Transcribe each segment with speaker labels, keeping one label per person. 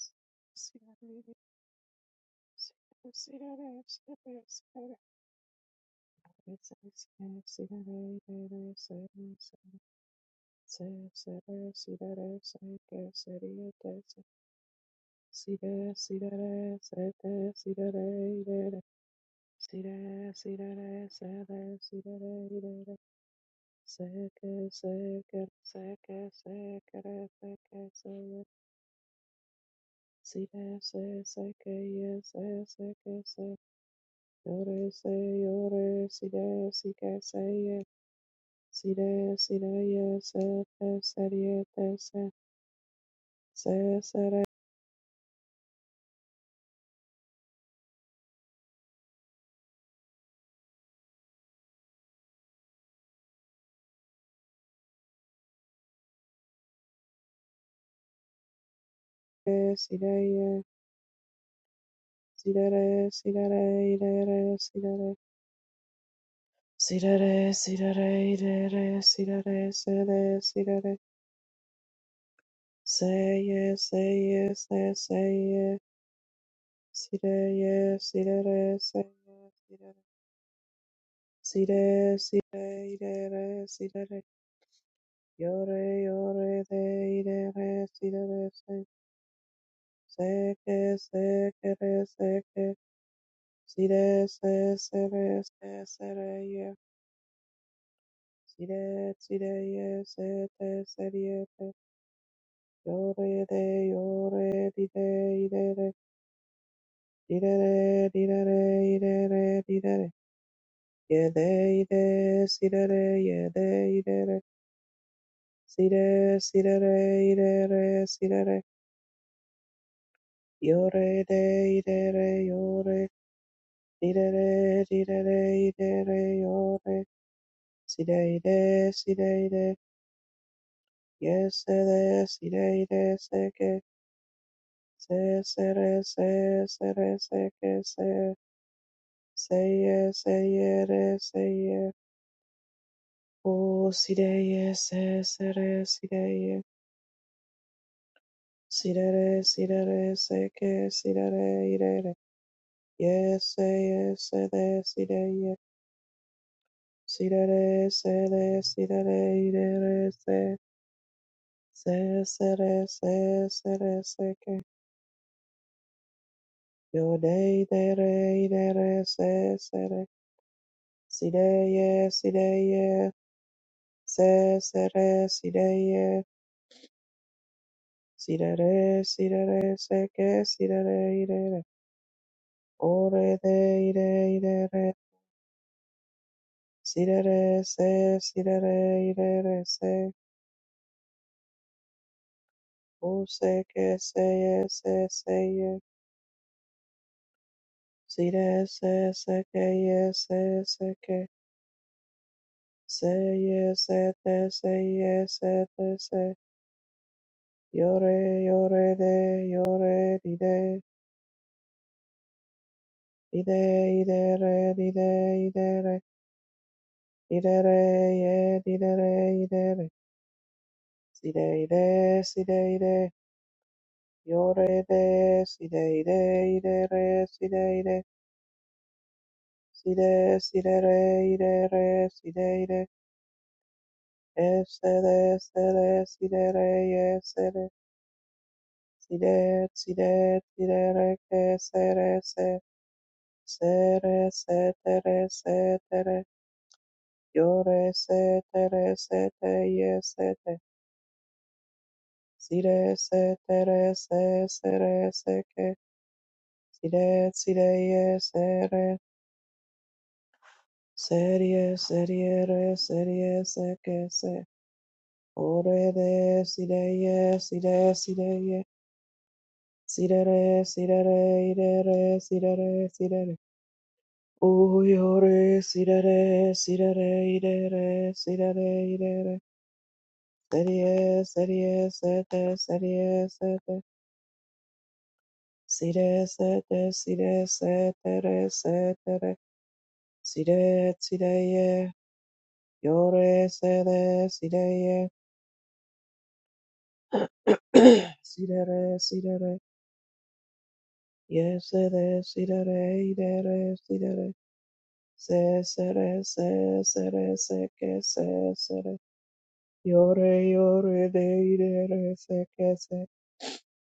Speaker 1: Sira, sir, sir, yes, sir, sir, sir. Yore se yore sire sike se ye sire sire ye se te serie te se se sere sire ye sire re sire re ire re sire re sire re sire re ire re sire re se re sire re se ye se ye se se ye sire ye sire re se ye sire re sire sire ire re sire re Yore yore de ire re si re re se se ke se ke re se ke si re se se re se se re ye si re si re ye se te se re te yore de yore di de ire re di re re di re re ire re di re re ye de ire si re re ye de ire re si re si re re ire re si re re Yore de ire re yore. Idere, idere, idere, yore, side, ide, side, ide, yesere, side, ide, seke, se, sere, se, sere, seke, se, seye, seyere, seye, o, sideye, se, sere, sideye, sidere, sidere, seke, sidere, idere, yeseye, sede, sideye, sidere, sede, sidere, idere, se, Se se re se se re se ke yo de de re de re se se re si de ye si de ye se se re si de ye si de re si de re se ke si de re i de re o re de i de i de re si de re se si de re i de re se o se ke se ye se se ye si de se se ke ye se se ke Se ye se te se ye se te se, Yore, yore de, yore di de, di de, ide re, di de, ide re, ide re, ye, di de re, ide re. Si de, ide, si de, ide, yore de, si de, ide, ide re, si de, ide, si de, si de re, ide re, si de, ide. Es, se de, se de, si de re, yes, se de. Si de, si de, si de re, que se re, se. Sere, setere, setere, yore, setere, sete, ye, sete, sire, setere, se, sere, seke, sire, sire, ye, sere, serie, serie re serie, seke, se, ore, de, sire, ye, sire, sire, ye, sire sire re sire re ire sirere, sire re sire re uyore, sirere, sirere, irere, sirere, irere, Serie, serie, sete, serie, sete. Sire, sete, sire, setere, setere. Sire, sireye. Yore, sede, sireye. Sidere, sidere, yesere, sidere, idere, sidere, se, sere, se, sere, se, que, se, sere, yore, yore, de, idere, se, que, se,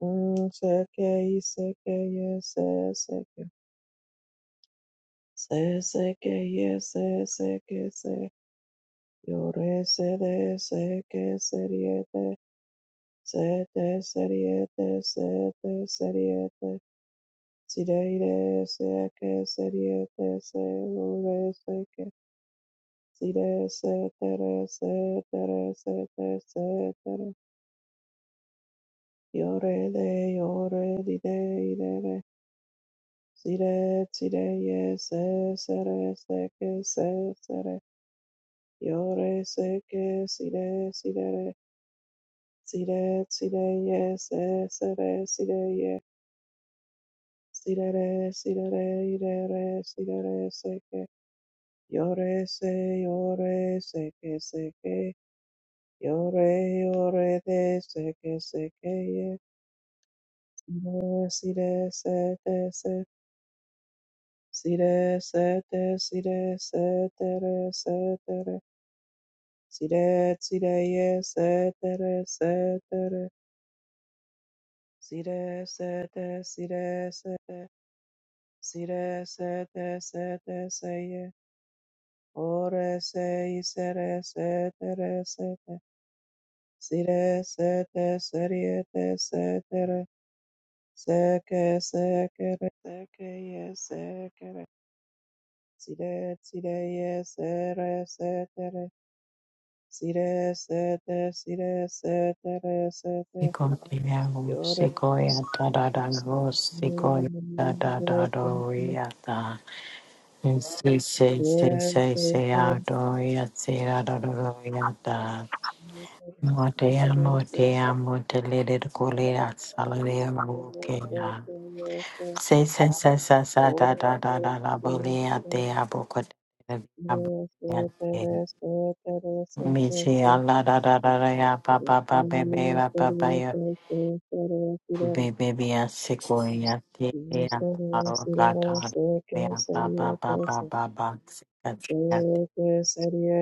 Speaker 1: mm, se, que, y, se, que, yes, Se se que ye se se que se yo re se de se que seriete se te seriete se te seriete si se que seriete se yo se que si se te se te se te se te re de yo di de i re si re si ye se se se que se se Yore seke sire sire sire sire ye se sere sire ye sire sire ire re sire seke yore se yore seke seke yore yore de seke seke ye sire sire se te se sire se te sire se tere se tere sire sire ye se tere se Sire sete sire sete sire sete sete seye ore sei sere setere sete sire sete seriete setere seke sekere seke ye sekere sire sire ye sere setere sire sete sire setere sete
Speaker 2: Sequoia,
Speaker 1: yore
Speaker 2: sequoia, da da da,
Speaker 1: se
Speaker 2: go sequoia, da da da, do ya da. Say say say
Speaker 1: Thank
Speaker 2: say say,
Speaker 1: you.
Speaker 2: ah, do ya say da da do ya da. Mo te amo, te amo, te le de cole a salare mo ke na. Say say say say say da da da da da, bole a te abo kote abo ya te. Mi se ala da da da da ya pa pa pa be be Baby, be a sick boy, a sick boy, a power cut out. Be a ba ba ba ba ba ba. Sick a sick a sick.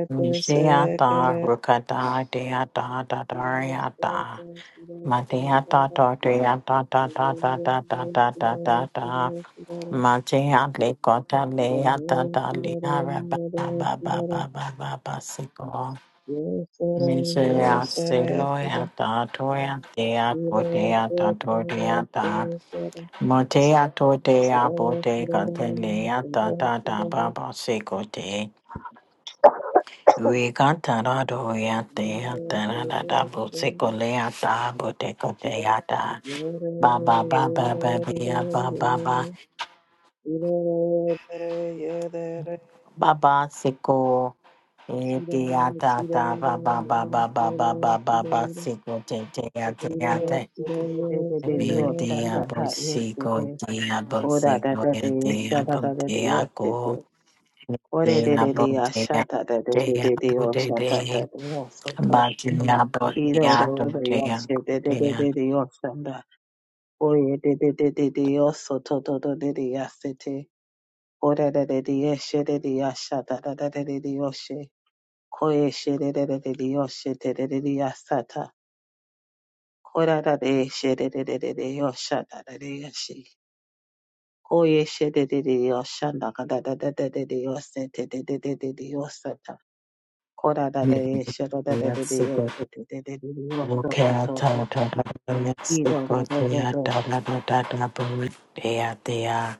Speaker 2: We say a ta, rook a ta, de a ta, da da re a ta. Ma de a ta ta de a ta ta ta ta ta ta ta ta ta ta. Ma de a le ko ta le a ta
Speaker 1: Yes,
Speaker 2: ta le a ra ba
Speaker 1: it
Speaker 2: ba ba ba ba ba ba ba sick boy. Me say a sick boy, a ta to a de a ko de a ta to de a ta. Motea totea boteca telea tata da baba seco te. Regatara doya tea tarada da bosecolea ta boteco teata. Baba baba babia baba baba baba seco. Etia tata baba baba baba baba baba seco te tea tea
Speaker 3: Dios,
Speaker 2: te.
Speaker 3: de de de de de Dios, ta
Speaker 2: Tia
Speaker 3: ta ta, este
Speaker 2: bosico
Speaker 3: te,
Speaker 2: tia
Speaker 3: cora da
Speaker 2: bosico
Speaker 3: da de, esta
Speaker 2: tia
Speaker 3: da da de Dios, de
Speaker 2: botea
Speaker 3: te, ore de
Speaker 2: Dea
Speaker 3: de de, asha
Speaker 2: bodea,
Speaker 3: ta da de de
Speaker 2: dea
Speaker 3: de Dios, ta ta
Speaker 2: bodea,
Speaker 3: ta Dios, to,
Speaker 2: batia
Speaker 3: kiro
Speaker 2: bodea,
Speaker 3: ro de Dios,
Speaker 2: dea
Speaker 3: de de de
Speaker 2: bodea.
Speaker 3: de Dios, anda, oye de de de de Dios, to to to de Dios, de te, ora de de de, eshe de de asha ta da da de de Dios, koye eshe de de de Dios, de de de Dios, ta ta, cora da de eshe de de de Dios, ta da de Dios. Koyeshe de de de yoshanda kada da da da de de yosete de de de de de yosata. Koda da da yeshe da da da
Speaker 2: Dea
Speaker 3: de de
Speaker 2: suko,
Speaker 3: yosete de de de de yosoto
Speaker 2: wokea
Speaker 3: to
Speaker 2: ta
Speaker 3: to.
Speaker 2: ta ta ta, dea
Speaker 3: Ida
Speaker 2: suko,
Speaker 3: da da da
Speaker 2: dea
Speaker 3: da.
Speaker 2: da ta ta ta ta, dea dea.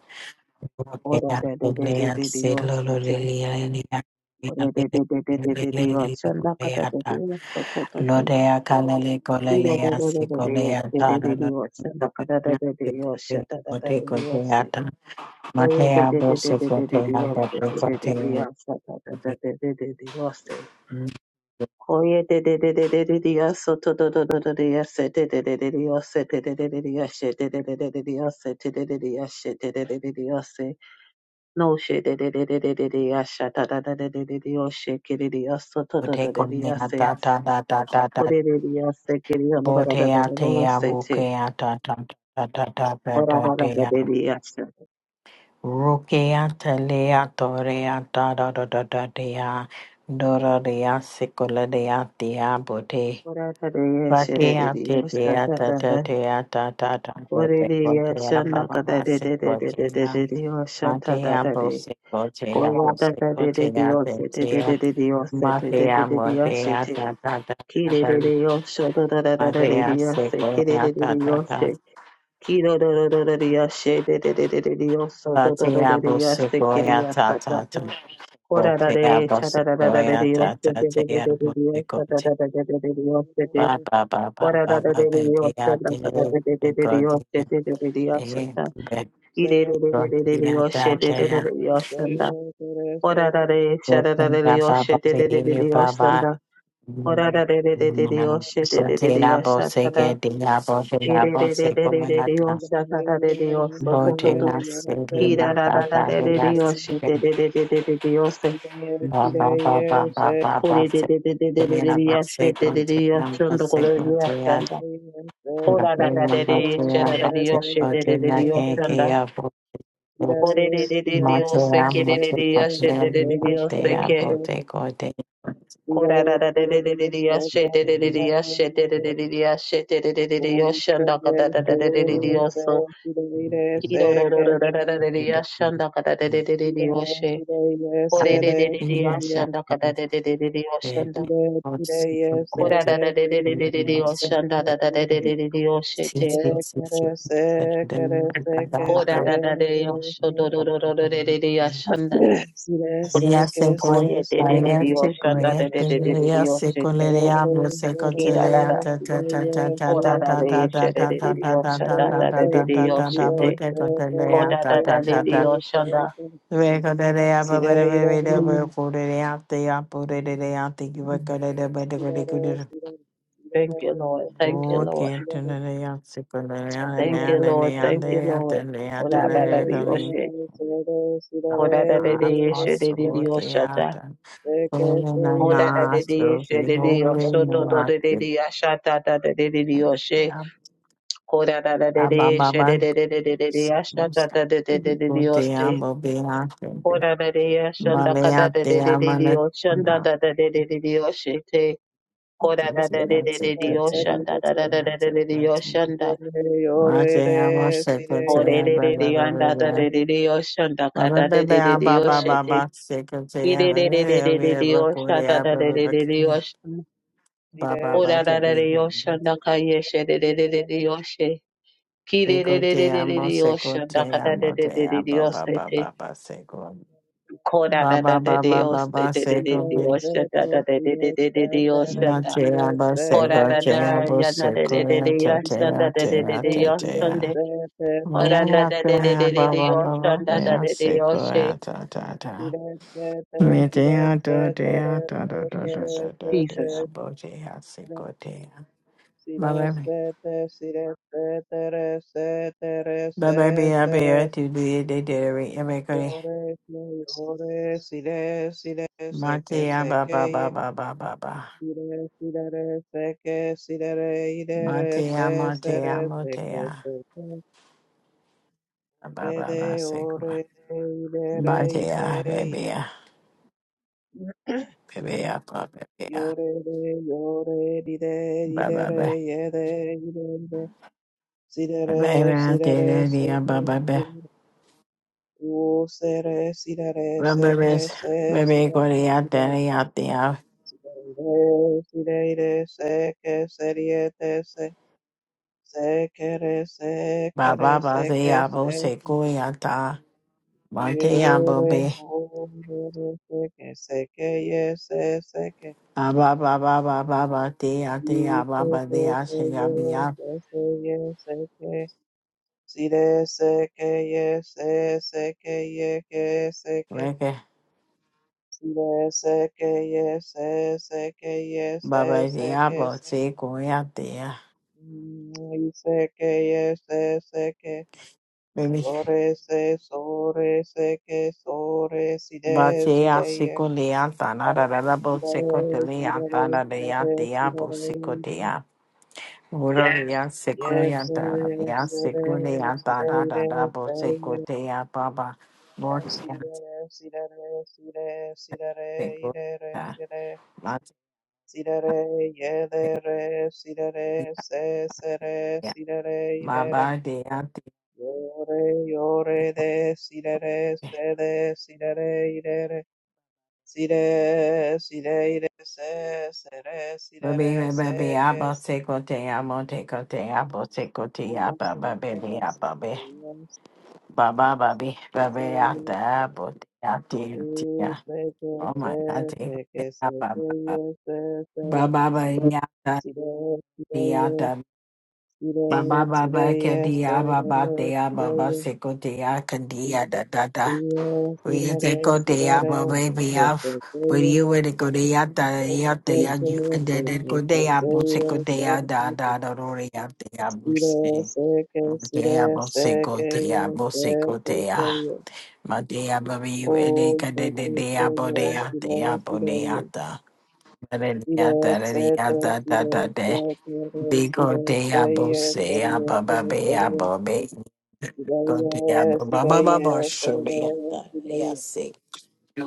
Speaker 3: Oda
Speaker 2: Wokea,
Speaker 3: da de de de
Speaker 2: dea
Speaker 3: de de
Speaker 2: silo lo
Speaker 3: yosete.
Speaker 2: lilia lilia, lilia
Speaker 3: Oda de de de de de
Speaker 2: lilia
Speaker 3: de de
Speaker 2: lilia lilia,
Speaker 3: yoshanda kada
Speaker 2: wokea
Speaker 3: da de
Speaker 2: ta.
Speaker 3: yosoto to to.
Speaker 2: Lodea kalele
Speaker 3: Ida da
Speaker 2: kolelea
Speaker 3: da da da de
Speaker 2: sikolea
Speaker 3: de
Speaker 2: ta
Speaker 3: de de
Speaker 2: ta
Speaker 3: de
Speaker 2: ta,
Speaker 3: yoshanda kada da
Speaker 2: wokea
Speaker 3: da de
Speaker 2: siko, dea
Speaker 3: yoshata da da
Speaker 2: bodea,
Speaker 3: de de
Speaker 2: dea
Speaker 3: yose.
Speaker 2: ta.
Speaker 3: Oye de
Speaker 2: Matea
Speaker 3: de de de
Speaker 2: Bosu
Speaker 3: de de de de
Speaker 2: Kotea
Speaker 3: yose
Speaker 2: Bosu
Speaker 3: de de de de
Speaker 2: Kotea
Speaker 3: yosata da da de de de de yose. Koye de de de de de de diyor, soto do do do do diyor, sete de de de diyor, sete de de de diyor, şete de de de de diyor, sete de de diyor, şete de de de diyor, se- no she de de de de de de diyor, ta, da da de de de diyor, şeke de diyor, soto do do de diyor,
Speaker 2: Botekonea
Speaker 3: se-
Speaker 2: ta ta ta ta ta ta
Speaker 3: o de de diyor, seke diyor, no bara da da
Speaker 2: Botea
Speaker 3: da no, da,
Speaker 2: Tea
Speaker 3: sete.
Speaker 2: Bukea ta ta ta ta ta ta
Speaker 3: Ora
Speaker 2: ta
Speaker 3: bara da
Speaker 2: tea
Speaker 3: de diyor, se-
Speaker 2: Rukea Telea Torea ta ta ta ta ta tea Dora dea Sikola dea tea Bote
Speaker 3: ora da de ye, şe de de
Speaker 2: Batea te
Speaker 3: diyor,
Speaker 2: tea
Speaker 3: şata
Speaker 2: ta
Speaker 3: da
Speaker 2: ta
Speaker 3: da.
Speaker 2: tea ta ta ta
Speaker 3: Ore
Speaker 2: Bote
Speaker 3: de ye,
Speaker 2: Kotea
Speaker 3: şanda kadar
Speaker 2: Baba
Speaker 3: de de de de de de
Speaker 2: Sikotea
Speaker 3: de diyor, şata da
Speaker 2: Matea
Speaker 3: da de.
Speaker 2: Bose Botea
Speaker 3: Koyata
Speaker 2: Bose
Speaker 3: de de
Speaker 2: Botea
Speaker 3: Dios, de de
Speaker 2: Tetea
Speaker 3: de Dios, de de
Speaker 2: Matea
Speaker 3: de Dios,
Speaker 2: Motea Tata
Speaker 3: Kiri
Speaker 2: Tata
Speaker 3: de Dios, shoda da da da da de
Speaker 2: Matea
Speaker 3: Dios, Kiri
Speaker 2: Sequoia
Speaker 3: de
Speaker 2: Tata
Speaker 3: Dios,
Speaker 2: Tata
Speaker 3: Kiro do do do Dios, de de de Dios, do do do
Speaker 2: Batea
Speaker 3: de Dios, Kiri
Speaker 2: Bosequoia Tata
Speaker 3: asata.
Speaker 2: Tata
Speaker 3: Kora da
Speaker 2: Botea
Speaker 3: de cha da da da da de
Speaker 2: Bosequoia
Speaker 3: Dios, de
Speaker 2: Tata
Speaker 3: de
Speaker 2: Tea
Speaker 3: de Dios, da da
Speaker 2: Bosecote
Speaker 3: da da de Dios,
Speaker 2: Ba
Speaker 3: de
Speaker 1: is.
Speaker 2: ba ba ba
Speaker 3: Kora da
Speaker 2: ba
Speaker 3: de
Speaker 2: ba
Speaker 3: Dios,
Speaker 2: baby
Speaker 3: da
Speaker 2: out
Speaker 3: da da
Speaker 2: there,
Speaker 3: de de Dios, de
Speaker 2: Becotina,
Speaker 3: de de Dios, da
Speaker 2: Becotina,
Speaker 3: Ire
Speaker 1: Say,
Speaker 3: de de de
Speaker 1: Thank
Speaker 3: Dios, de de de
Speaker 2: Tatea,
Speaker 3: Dios, da Orarare,
Speaker 2: Botin,
Speaker 3: shararare,
Speaker 2: Baba,
Speaker 3: yoshe, dededede,
Speaker 2: Baby, Baba,
Speaker 3: yoshanda. Orarare, dededede, yoshe, dededede,
Speaker 2: Sotera boseke
Speaker 3: yoshatada.
Speaker 2: dina botera boseko
Speaker 3: Irererererere,
Speaker 2: manata
Speaker 3: yoshatadare, yoso, tototo.
Speaker 2: botera selena tata
Speaker 3: Hirararararere,
Speaker 2: dina
Speaker 3: yoshe,
Speaker 2: seke
Speaker 3: dededede, yose.
Speaker 2: ba ba ba ba ba ba ba
Speaker 3: Kore,
Speaker 2: se dina
Speaker 3: dededede, yoshe,
Speaker 2: boseko
Speaker 3: dedede,
Speaker 2: dina
Speaker 3: yoshondo, kore,
Speaker 2: boseko dina
Speaker 3: yoshanda.
Speaker 2: dina
Speaker 3: Orarararere,
Speaker 2: botera
Speaker 3: shararare,
Speaker 2: boseko
Speaker 3: yoshe,
Speaker 2: dina
Speaker 3: dededede,
Speaker 2: keke
Speaker 3: yoshanda.
Speaker 2: ya boseko
Speaker 3: Orerererere,
Speaker 2: matera
Speaker 3: yose, kererere,
Speaker 2: boseko
Speaker 3: yoshe, dededede, yose, ke. de de de yashe
Speaker 2: dina
Speaker 3: de de de de oshe
Speaker 2: botera
Speaker 3: ke.
Speaker 2: boseko dina
Speaker 3: Kora
Speaker 1: you. O se sore se sire se ke sire sire sire se re sire sire sire se te sire se sire sire se kere se kere se ke se kere se sire se ke sire se kere se ke sire yore yore re sire
Speaker 3: O da da
Speaker 1: se
Speaker 3: de she de de de de
Speaker 1: Yore,
Speaker 3: da da de de o she
Speaker 1: yore,
Speaker 3: de da da da de de o shanda.
Speaker 2: Okay,
Speaker 3: Mm, mm. Thank you, Lord. Thank you, Lord. Thank you, Lord. Thank you, Lord. O da da da de o she ko da da de de she de de de o da da de de she de de o so de de de a da da de de de o she da da da de de she de de de de de de da da de de de de o Kora da de ya shanda kada da de de de de yo shanda da da de de de de yo shete.
Speaker 2: Baba
Speaker 3: Kora da da de de de de yo shanda da da da da de de de yo shanda.
Speaker 1: sire,
Speaker 3: Ore de de
Speaker 1: sire,
Speaker 3: de yanda da de de
Speaker 1: sire.
Speaker 3: de yo shanda kada de de de de yo
Speaker 1: sire,
Speaker 3: shete. Ire de de de de de de yo shanda da de de de de yo shanda.
Speaker 1: Yore,
Speaker 3: Ora da da de yo shanda ka ye she de de de de de yo she. Ki de de de de de de de yo shanda kada de de de de de yo shete. Kora da da da de os de de de de de os da da da de de de de de de os da da. Kora da da ya na de de de de os da da de de de de os sunde.
Speaker 2: Mara
Speaker 3: Kora da
Speaker 2: kaya
Speaker 3: da de de de de de
Speaker 2: Baba,
Speaker 3: os da
Speaker 2: baba
Speaker 3: da da
Speaker 2: baya
Speaker 3: de de
Speaker 2: seko
Speaker 3: os
Speaker 2: ya
Speaker 3: de.
Speaker 2: ta ta ta.
Speaker 3: Mm,
Speaker 2: Mete ya to te ya to to to to to to te ya
Speaker 3: Jesus.
Speaker 2: bo te ya seko te ya. Baba baba baya baya to do ye de de re ya be kore.
Speaker 1: yore, sire, sire, seke,
Speaker 2: Mate ya baba
Speaker 1: seke,
Speaker 2: baba baba baba.
Speaker 1: Sidere, sidere, seke, sidere, idere,
Speaker 2: Mate ya
Speaker 1: se,
Speaker 2: mate ya
Speaker 1: sere,
Speaker 2: mote
Speaker 1: seke,
Speaker 2: ya.
Speaker 1: seke,
Speaker 2: Baba baba
Speaker 1: orede,
Speaker 2: seko.
Speaker 1: orede, idere,
Speaker 2: Mate
Speaker 1: ide,
Speaker 2: ya baby
Speaker 1: ide,
Speaker 2: ya baby ya papa ya.
Speaker 1: yorede, yore, dide,
Speaker 2: Baba
Speaker 1: idere,
Speaker 2: baba.
Speaker 1: yede, ide, ide,
Speaker 2: Baba
Speaker 1: sidere,
Speaker 2: baba te
Speaker 1: sidere,
Speaker 2: ya
Speaker 1: seke,
Speaker 2: baba baba.
Speaker 1: sidere, o, sere, sidere, seke,
Speaker 2: Ramirez,
Speaker 1: se,
Speaker 2: Rebe
Speaker 1: sidere,
Speaker 2: Guardia,
Speaker 1: idere,
Speaker 2: Daddy, Atia,
Speaker 1: idere, sidere, seke, seriete, se, Sekere sekere
Speaker 2: Baba,
Speaker 1: seke
Speaker 2: Baziabo,
Speaker 1: seke
Speaker 2: Sequoiata, Montea,
Speaker 1: urere
Speaker 2: Bobby,
Speaker 1: urere seke seke yese seke
Speaker 2: Baba, Baba, Baba, Tia,
Speaker 1: seke
Speaker 2: Tia, Baba,
Speaker 1: seke
Speaker 2: Tia, Shigabia,
Speaker 1: seke yese seke sire seke yese seke yeke seke
Speaker 2: Reke,
Speaker 1: sire seke yese seke yese
Speaker 2: Baba,
Speaker 1: seke
Speaker 2: Diabo,
Speaker 1: seke
Speaker 2: Sequoiatia,
Speaker 1: seke yese seke
Speaker 2: Baby, Batia, Sequoiata, Nada, Rabo, Sequoiata, Nada, Diabo, Sequoia. Gloria sequoyanta, ya sequoyanta, da da da, bo sequoia, baba, bo sequoia,
Speaker 1: それせそれせけそれしでしでえしだれしだれそれしだれいだれイエスイエスでしでいれせえしだれしだれしれしだれいれれしれしだれいえでれしだれせせれしだれいれれよれよれでしだれせでしだれいれれ
Speaker 2: la ya baba de anti sequoia.
Speaker 1: Si re, si re, ire, se, se re, si re, re,
Speaker 2: Baby, baby,
Speaker 1: se, que,
Speaker 2: abo
Speaker 1: se,
Speaker 2: sequoia, mo sequoia, bo sequoia,
Speaker 1: como, se,
Speaker 2: baba,
Speaker 1: que,
Speaker 2: baby,
Speaker 1: si, que,
Speaker 2: baby,
Speaker 1: ye, se,
Speaker 2: baba,
Speaker 1: que,
Speaker 2: baby,
Speaker 1: se,
Speaker 2: baby,
Speaker 1: ye,
Speaker 2: ata, bo anti, anti,
Speaker 1: u, se, que,
Speaker 2: oh my god,
Speaker 1: se, se, que, se,
Speaker 2: sequoia,
Speaker 1: que,
Speaker 2: baba,
Speaker 1: ye, se, se,
Speaker 2: baba,
Speaker 1: re,
Speaker 2: baba,
Speaker 1: si re, si re, ye,
Speaker 2: yata,
Speaker 1: si
Speaker 2: Ba
Speaker 1: re,
Speaker 2: ba
Speaker 1: si
Speaker 2: ba
Speaker 1: re,
Speaker 2: ba
Speaker 1: ye, se,
Speaker 2: kadia ba ba
Speaker 1: re,
Speaker 2: dea
Speaker 1: si
Speaker 2: ba
Speaker 1: re,
Speaker 2: ba
Speaker 1: ye,
Speaker 2: seko dea kadia da da da.
Speaker 1: si re, si
Speaker 2: We
Speaker 1: re, re,
Speaker 2: seko
Speaker 1: si re,
Speaker 2: dea ba
Speaker 1: re, se,
Speaker 2: baby
Speaker 1: que, se, que,
Speaker 2: off.
Speaker 1: ye, se, se, que, se, que,
Speaker 2: But you were the go dea da dea dea you and then it go
Speaker 1: se,
Speaker 2: dea bo
Speaker 1: que,
Speaker 2: seko
Speaker 1: ye,
Speaker 2: dea da
Speaker 1: se, que,
Speaker 2: da da do dea dea bo
Speaker 1: Ire
Speaker 2: se.
Speaker 1: seke sire
Speaker 2: Dea bo
Speaker 1: seke
Speaker 2: seko
Speaker 1: ye
Speaker 2: dea bo
Speaker 1: se
Speaker 2: seko
Speaker 1: seke
Speaker 2: dea.
Speaker 1: ye
Speaker 2: Ma dea ba you and they
Speaker 1: o
Speaker 2: ka de de
Speaker 1: seke se
Speaker 2: dea bo
Speaker 1: ye
Speaker 2: dea
Speaker 1: sire
Speaker 2: dea bo
Speaker 1: sire ye
Speaker 2: dea da. Da da dea
Speaker 1: ire
Speaker 2: da da
Speaker 1: se te
Speaker 2: da da
Speaker 1: sire
Speaker 2: da de.
Speaker 1: se te re
Speaker 2: Bigo
Speaker 1: sire
Speaker 2: de
Speaker 1: se ye se
Speaker 2: abose
Speaker 1: ye se
Speaker 2: ababa be
Speaker 1: se ye
Speaker 2: abobe. Go de ababa
Speaker 1: sire
Speaker 2: baba
Speaker 1: ye sire ye se
Speaker 2: basuri.
Speaker 1: re sire ye
Speaker 2: Yasi.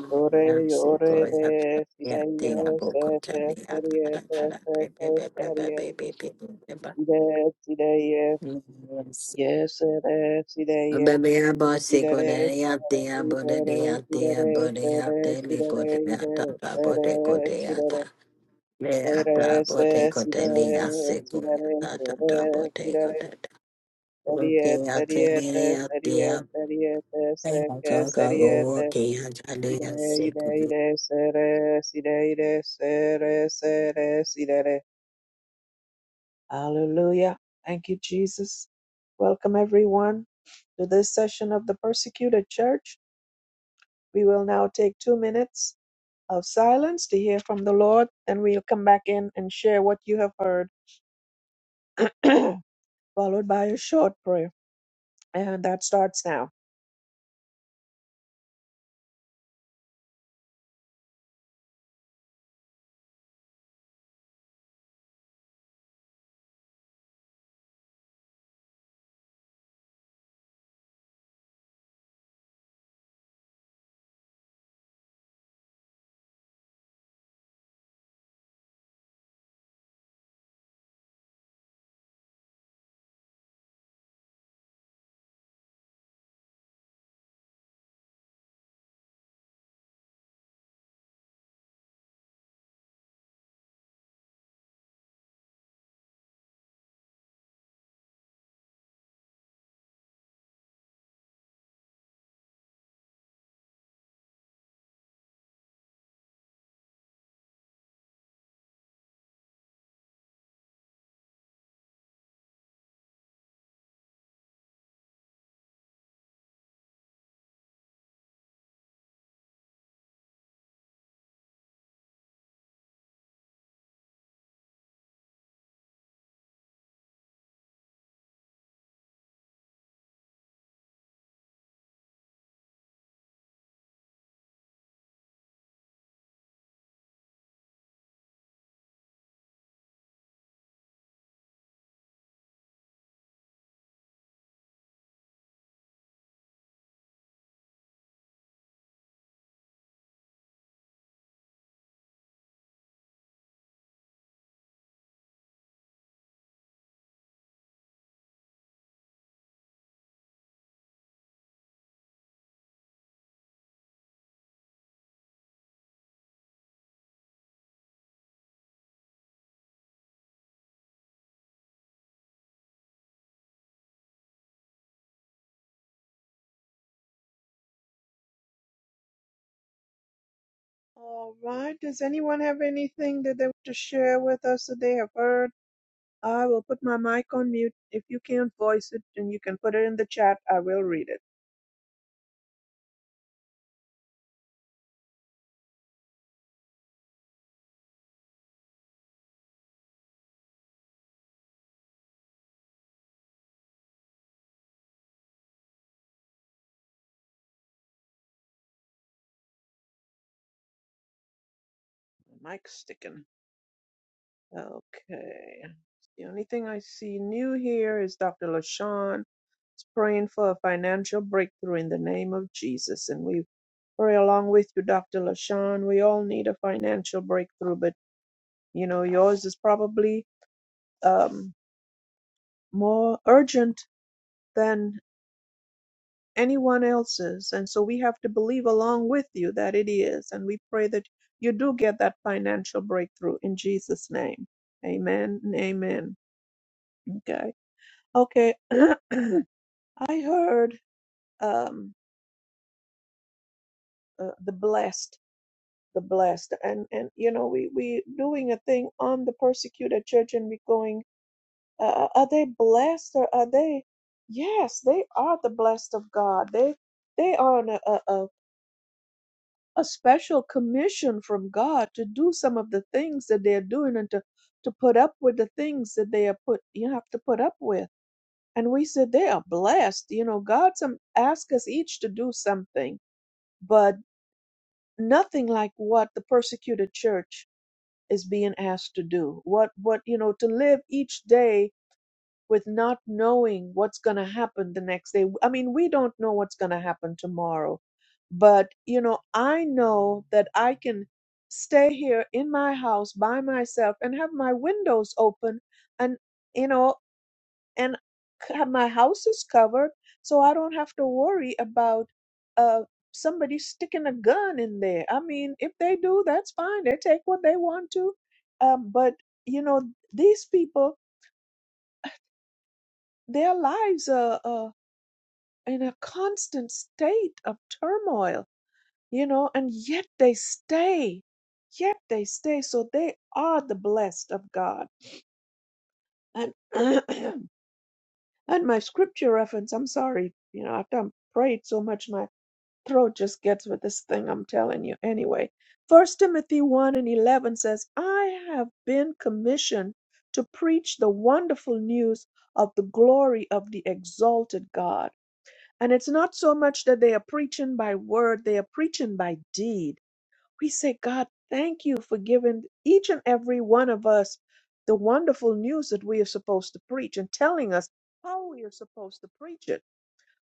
Speaker 1: ore
Speaker 2: Yasi go
Speaker 1: ore de
Speaker 2: yata.
Speaker 1: sire ye
Speaker 2: Yate
Speaker 1: se
Speaker 2: aboko
Speaker 1: te
Speaker 2: chani
Speaker 1: se
Speaker 2: yata.
Speaker 1: ye se
Speaker 2: Yata
Speaker 1: seke
Speaker 2: bebe
Speaker 1: se
Speaker 2: bebe
Speaker 1: ye
Speaker 2: bebe bebe bebe.
Speaker 1: ire sire ye
Speaker 2: Yes.
Speaker 1: ye se sire ye
Speaker 2: Bebe abose go
Speaker 1: Sidere,
Speaker 2: de yate abode de
Speaker 1: sidere,
Speaker 2: yate
Speaker 1: sidere,
Speaker 2: abode
Speaker 1: sidere,
Speaker 2: yate liko de
Speaker 1: sidere,
Speaker 2: yata
Speaker 1: idere,
Speaker 2: abode go
Speaker 1: sere,
Speaker 2: de yata.
Speaker 1: sidere,
Speaker 2: Yata
Speaker 1: sere,
Speaker 2: abode
Speaker 1: se,
Speaker 2: go de
Speaker 1: sidere,
Speaker 2: yasi go
Speaker 1: sidere,
Speaker 2: yata
Speaker 1: sere,
Speaker 2: abode go
Speaker 1: sidere,
Speaker 2: de.
Speaker 1: serie,
Speaker 2: Rotea, tenere,
Speaker 1: seriete, serie,
Speaker 2: atea,
Speaker 1: seriete, se,
Speaker 2: pega,
Speaker 1: que,
Speaker 2: gaga, gogo,
Speaker 1: seriete,
Speaker 2: tea,
Speaker 1: ide,
Speaker 2: jalea,
Speaker 1: ide, ide, sere, side, ide, sere, sere, sidere. Hallelujah. Thank you, Jesus. Welcome, everyone, to this session of the Persecuted Church. We will now take two minutes of silence to hear from the Lord, and we'll come back in and share what you have heard, followed by a short prayer. And that starts now. All right. Does anyone have anything that they want to share with us that they have heard? I will put my mic on mute. If you can't voice it and you can put it in the chat, I will read it. Mic sticking. Okay. The only thing I see new here is Dr. LaShawn is praying for a financial breakthrough in the name of Jesus. And we pray along with you, Dr. LaShawn. We all need a financial breakthrough, but you know, yours is probably um, more urgent than anyone else's. And so we have to believe along with you that it is. And we pray that you do get that financial breakthrough in Jesus' name. Amen and amen. Okay. Okay, I heard um, uh, the blessed, the blessed, and and you know we we doing a thing on the persecuted church, and we going, uh, are they blessed or are they? Yes, they are the blessed of God. They they are on a, a a a special commission from God to do some of the things that they're doing and to to put up with the things that they are put you have to put up with. And we said they are blessed. You know, God some ask us each to do something but nothing like what the persecuted church is being asked to do what what you know to live each day with not knowing what's going to happen the next day i mean we don't know what's going to happen tomorrow but you know i know that i can stay here in my house by myself and have my windows open and you know and c- my house is covered, so I don't have to worry about uh somebody sticking a gun in there. I mean, if they do, that's fine. They take what they want to. Um, but you know, these people, their lives are, are in a constant state of turmoil, you know, and yet they stay. Yet they stay. So they are the blessed of God. And and my scripture reference, I'm sorry, you know, after I've prayed so much, My Throat just gets with this thing, I'm telling you. Anyway, First Timothy 1 and 11 says, I have been commissioned to preach the wonderful news of the glory of the exalted God. And it's not so much that they are preaching by word, they are preaching by deed. We say, God, thank you for giving each and every one of us the wonderful news that we are supposed to preach and telling us how we are supposed to preach it.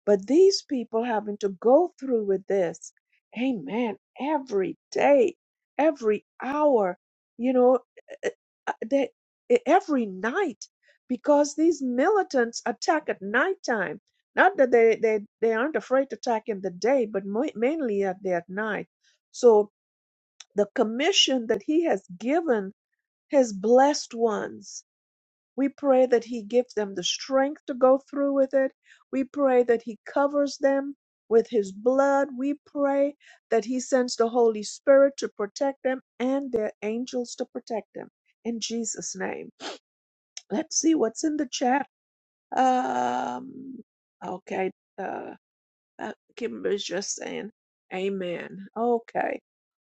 Speaker 1: But these people having to go through with this, amen, every day, every hour, you know, eh, eh, eh, they, eh, every night, because these militants attack at nighttime. Not that they, they, they aren't afraid to attack in the day, but mo- mainly at, they at night. So the commission that he has given his blessed ones we pray that He gives them the strength to go through with it. We pray that He covers them with His blood. We pray that He sends the Holy Spirit to protect them and their angels to protect them. In Jesus' name. Let's see what's in the chat. Um, okay. Uh, uh, Kimber's just saying, Amen. Okay.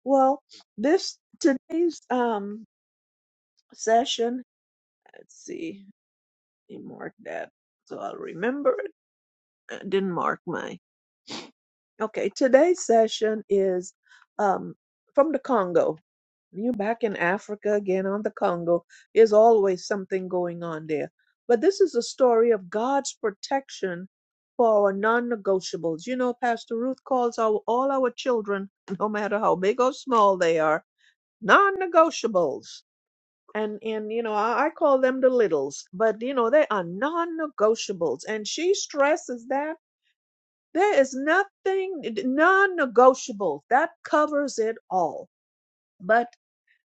Speaker 1: Well, this today's um session. Let's see. Let me mark that so I'll remember it. I didn't mark mine. Okay, today's session is um, from the Congo. You're back in Africa again on the Congo. There's always something going on there. But this is a story of God's protection for our non negotiables. You know, Pastor Ruth calls our, all our children, no matter how big or small they are, non negotiables and and you know I, I call them the littles but you know they are non-negotiables and she stresses that there is nothing non-negotiable that covers it all but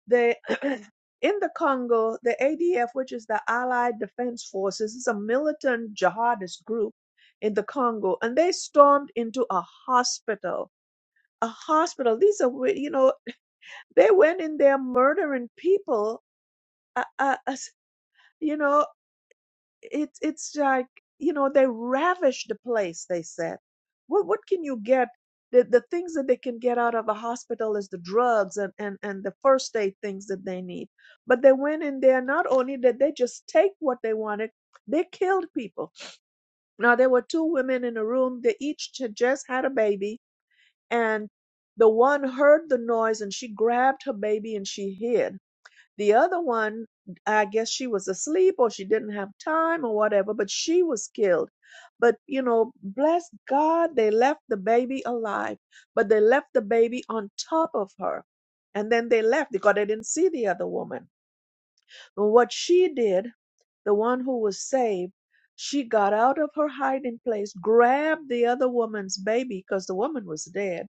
Speaker 1: they in the congo the adf which is the allied defense forces is a militant jihadist group in the congo and they stormed into a hospital a hospital these are you know they went in there murdering people uh, uh, as- you know it's it's like you know they ravish the place they said what what can you get the, the things that they can get out of a hospital is the drugs and, and and the first aid things that they need but they went in there not only did they just take what they wanted they killed people now there were two women in a room they each had just had a baby and the one heard the noise and she grabbed her baby and she hid the other one, I guess she was asleep or she didn't have time or whatever, but she was killed. But, you know, bless God, they left the baby alive, but they left the baby on top of her. And then they left because they didn't see the other woman. But what she did, the one who was saved, she got out of her hiding place, grabbed the other woman's baby because the woman was dead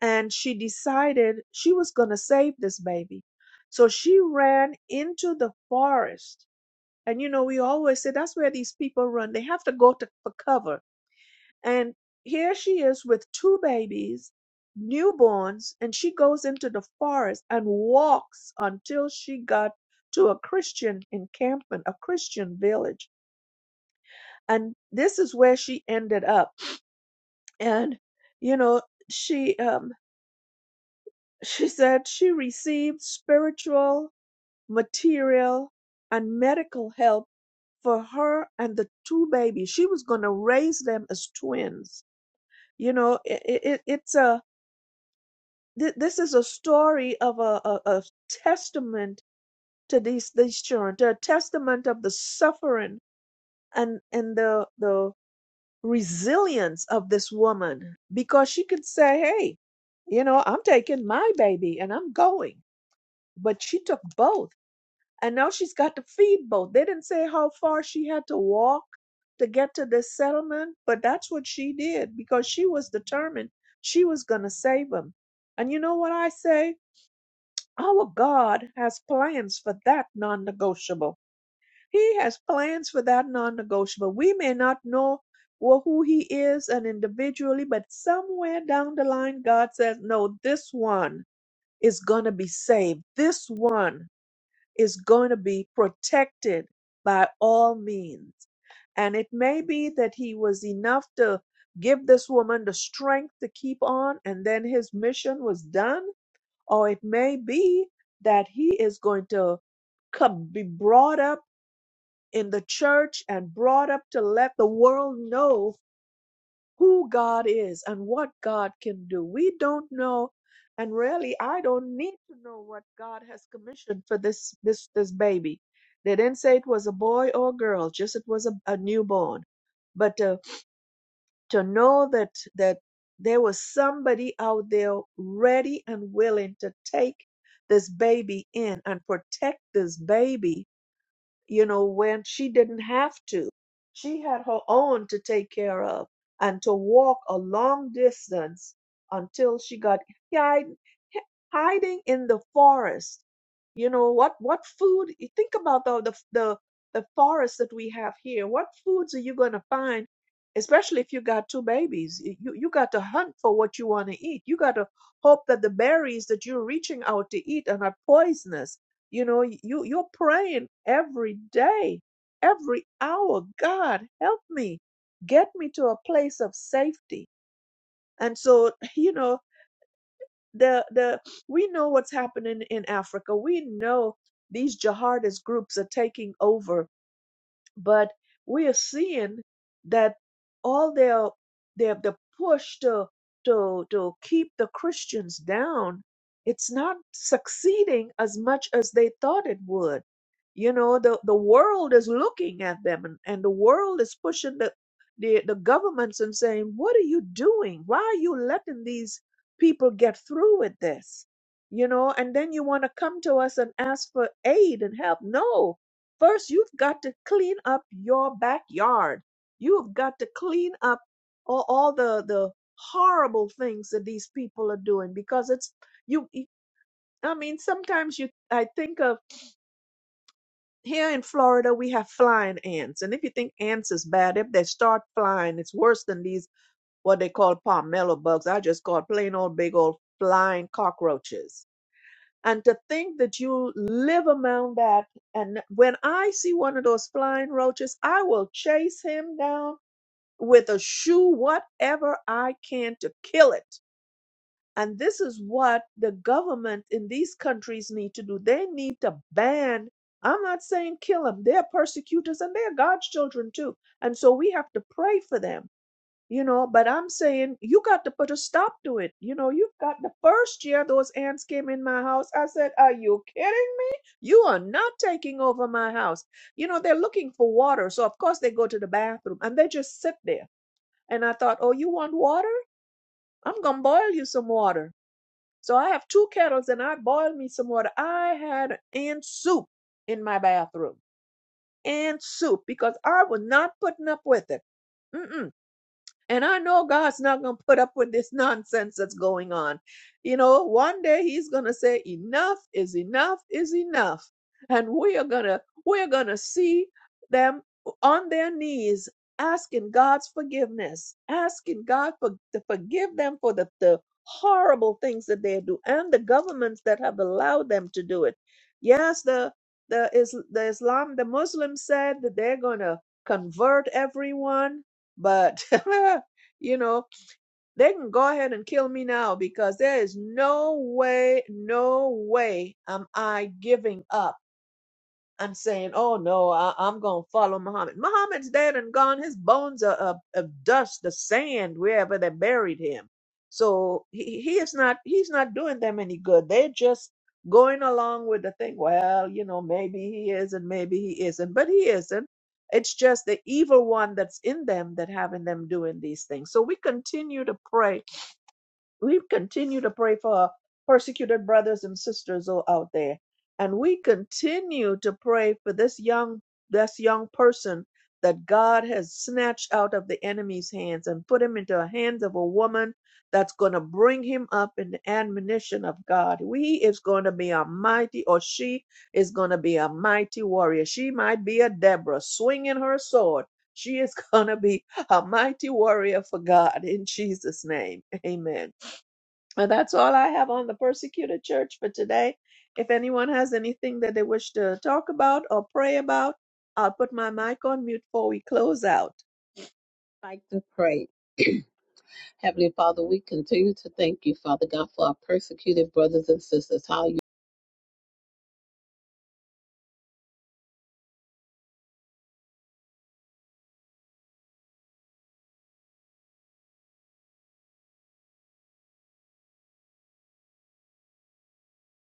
Speaker 1: and she decided she was going to save this baby. So she ran into the forest. And you know, we always say that's where these people run. They have to go to, for cover. And here she is with two babies, newborns, and she goes into the forest and walks until she got to a Christian encampment, a Christian village. And this is where she ended up. And, you know, she um, She said she received spiritual, material, and medical help for her and the two babies. She was going to raise them as twins. You know, it, it, it's a thi- this is a story of a, a, a testament to these these children, to a testament of the suffering and and the the resilience of this woman because she could say, hey, you know, I'm taking my baby and I'm going, but she took both And now she's got to feed both. They didn't say how far she had to walk to get to this settlement, but that's what she did because she was determined she was going to save them. And you know what I say? Our God has plans for that non negotiable. He has plans for that non negotiable. We may not know wh- who He is and individually, but somewhere down the line, God says, no, this one is going to be saved. This one is going to be protected by all means. And it may be that he was enough to give this woman the strength to keep on, and then his mission was done. Or it may be that he is going to come, be brought up in the church and brought up to let the world know who God is and what God can do. We don't know, and really, I don't need to know what God has commissioned for this this this baby. They didn't say it was a boy or a girl; just it was a, a newborn. But to to know that that there was somebody out there ready and willing to take this baby in and protect this baby you know, when she didn't have to. She had her own to take care of and to walk a long distance until she got hid hi- hiding in the forest. You know what? What food? you Think about the the the, the forest that we have here. What foods are you going to find? Especially if you got two babies, Y- you you got to hunt for what you want to eat. You got to hope that the berries that you're reaching out to eat are not poisonous you know, you you're praying every day, every hour. God, help me. Get me to a place of safety. And so, you know, the the we know what's happening in Africa. We know these jihadist groups are taking over but we are seeing that all their their the push to to to keep the Christians down, it's not succeeding as much as they thought it would. You know, the, the world is looking at them and, and the world is pushing the, the the governments and saying, What are you doing? Why are you letting these people get through with this? You know, and then you want to come to us and ask for aid and help. No, First, you've got to clean up your backyard. You've got to clean up all, all the the horrible things that these people are doing because it's you. you- I mean, sometimes you. I think of here in Florida, we have flying ants, and if you think ants is bad, if they start flying, it's worse than these what they call palmetto bugs. I just call plain old big old flying cockroaches and to think that you live among that and when i see one of those flying roaches i will chase him down with a shoe whatever i can to kill it and this is what the government in these countries need to do they need to ban i'm not saying kill them they're persecutors and they're god's children too and so we have to pray for them you know but i'm saying you got to put a stop to it you know you've got the first year those ants came in my house i said are you kidding me you are not taking over my house you know they're looking for water so of course they go to the bathroom and they just sit there and i thought oh you want water i'm gonna boil you some water so i have two kettles and i boiled me some water i had ant soup in my bathroom ant soup because i was not putting up with it Mm-mm. And I know God's not going to put up with this nonsense that's going on. You know, one day he's going to say enough is enough is enough. And we are going to we're going to see them on their knees asking God's forgiveness, asking God for, to forgive them for the, the horrible things that they do and the governments that have allowed them to do it. Yes, the the is the Islam, the Muslims said that they're going to convert everyone, but you know they can go ahead and kill me now because there is no way no way am i giving up I'm saying, "Oh no, I, I'm gonna follow Muhammad." Muhammad's dead and gone. His bones are of, of dust, the sand, wherever they buried him. So he, he is not he's not doing them any good. They're just going along with the thing. Well, you know, maybe he is and maybe he isn't, but he isn't. It's just the evil one that's in them that having them doing these things. So we continue to pray we continue to pray for our persecuted brothers and sisters o- out there. And we continue to pray for this young this young person that God has snatched out of the enemy's hands and put him into the hands of a woman that's going to bring him up in the admonition of God. He is going to be a mighty, or she is going to be a mighty warrior. She might be a Deborah swinging her sword. She is going to be a mighty warrior for God in Jesus' name. Amen. And that's all I have on the persecuted church for today. If anyone has anything that they wish to talk about or pray about, I'll put my mic on mute before we close out.
Speaker 3: like to pray. Heavenly Father, we continue to thank you, Father God, for our persecuted brothers and sisters, how you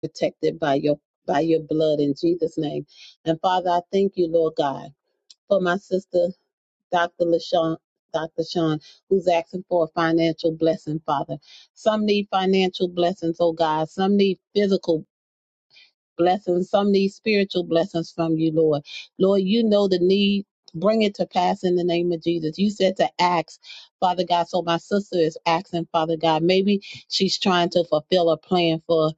Speaker 3: protected by your by your blood in Jesus' name. And Father, I thank you, Lord God, for my sister. Dr. LaShawn, Dr. Sean, who's asking for a financial blessing, Father. Some need financial blessings, oh God. Some need physical blessings. Some need spiritual blessings from you, Lord. Lord, you know the need. Bring it to pass in the name of Jesus. You said to ask, Father God. So my sister is asking, Father God. Maybe she's trying to fulfill a plan for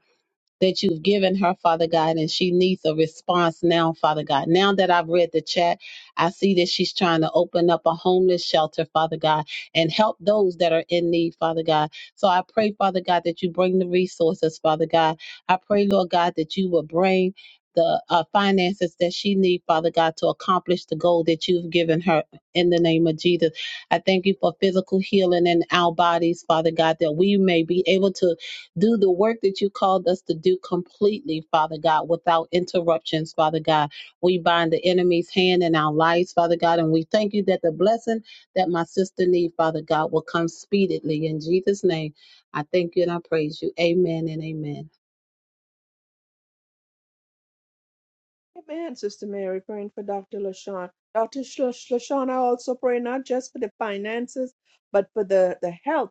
Speaker 3: that you've given her, Father God, and she needs a response now, Father God. Now that I've read the chat, I see that she's trying to open up a homeless shelter, Father God, and help those that are in need, Father God. So I pray, Father God, that you bring the resources, Father God. I pray, Lord God, that you will bring the uh, finances that she needs, Father God, to accomplish the goal that you've given her in the name of Jesus. I thank you for physical healing in our bodies, Father God, that we may be able to do the work that you called us to do completely, Father God, without interruptions, Father God. We bind the enemy's hand in our lives, Father God, and we thank you that the blessing that my sister needs, Father God, will come speedily. In Jesus' name, I thank you and I praise you. Amen and amen.
Speaker 1: Amen, Sister Mary, praying for Dr. LaShawn. Dr. Sh- LaShawn, I also pray not just for the finances, but for the, the health.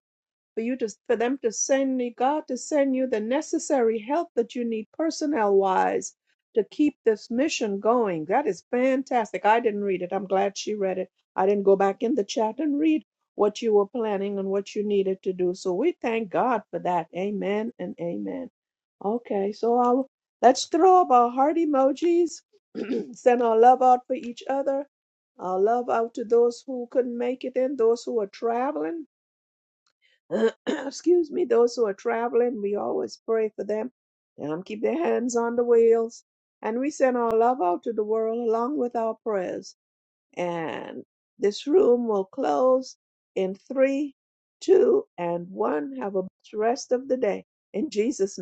Speaker 1: for you to for them to send me God to send you the necessary help that you need personnel wise to keep this mission going. That is fantastic. I didn't read it. I'm glad she read it. I didn't go back in the chat and read what you were planning and what you needed to do. So we thank God for that. Amen and amen. Okay, so I'll let's throw up our heart emojis, send our love out for each other, our love out to those who couldn't make it in, those who are traveling excuse me, those who are traveling, we always pray for them. Let them keep their hands on the wheels. And we send our love out to the world along with our prayers. And this room will close in three, two, and one. Have a blessed rest of the day. In Jesus'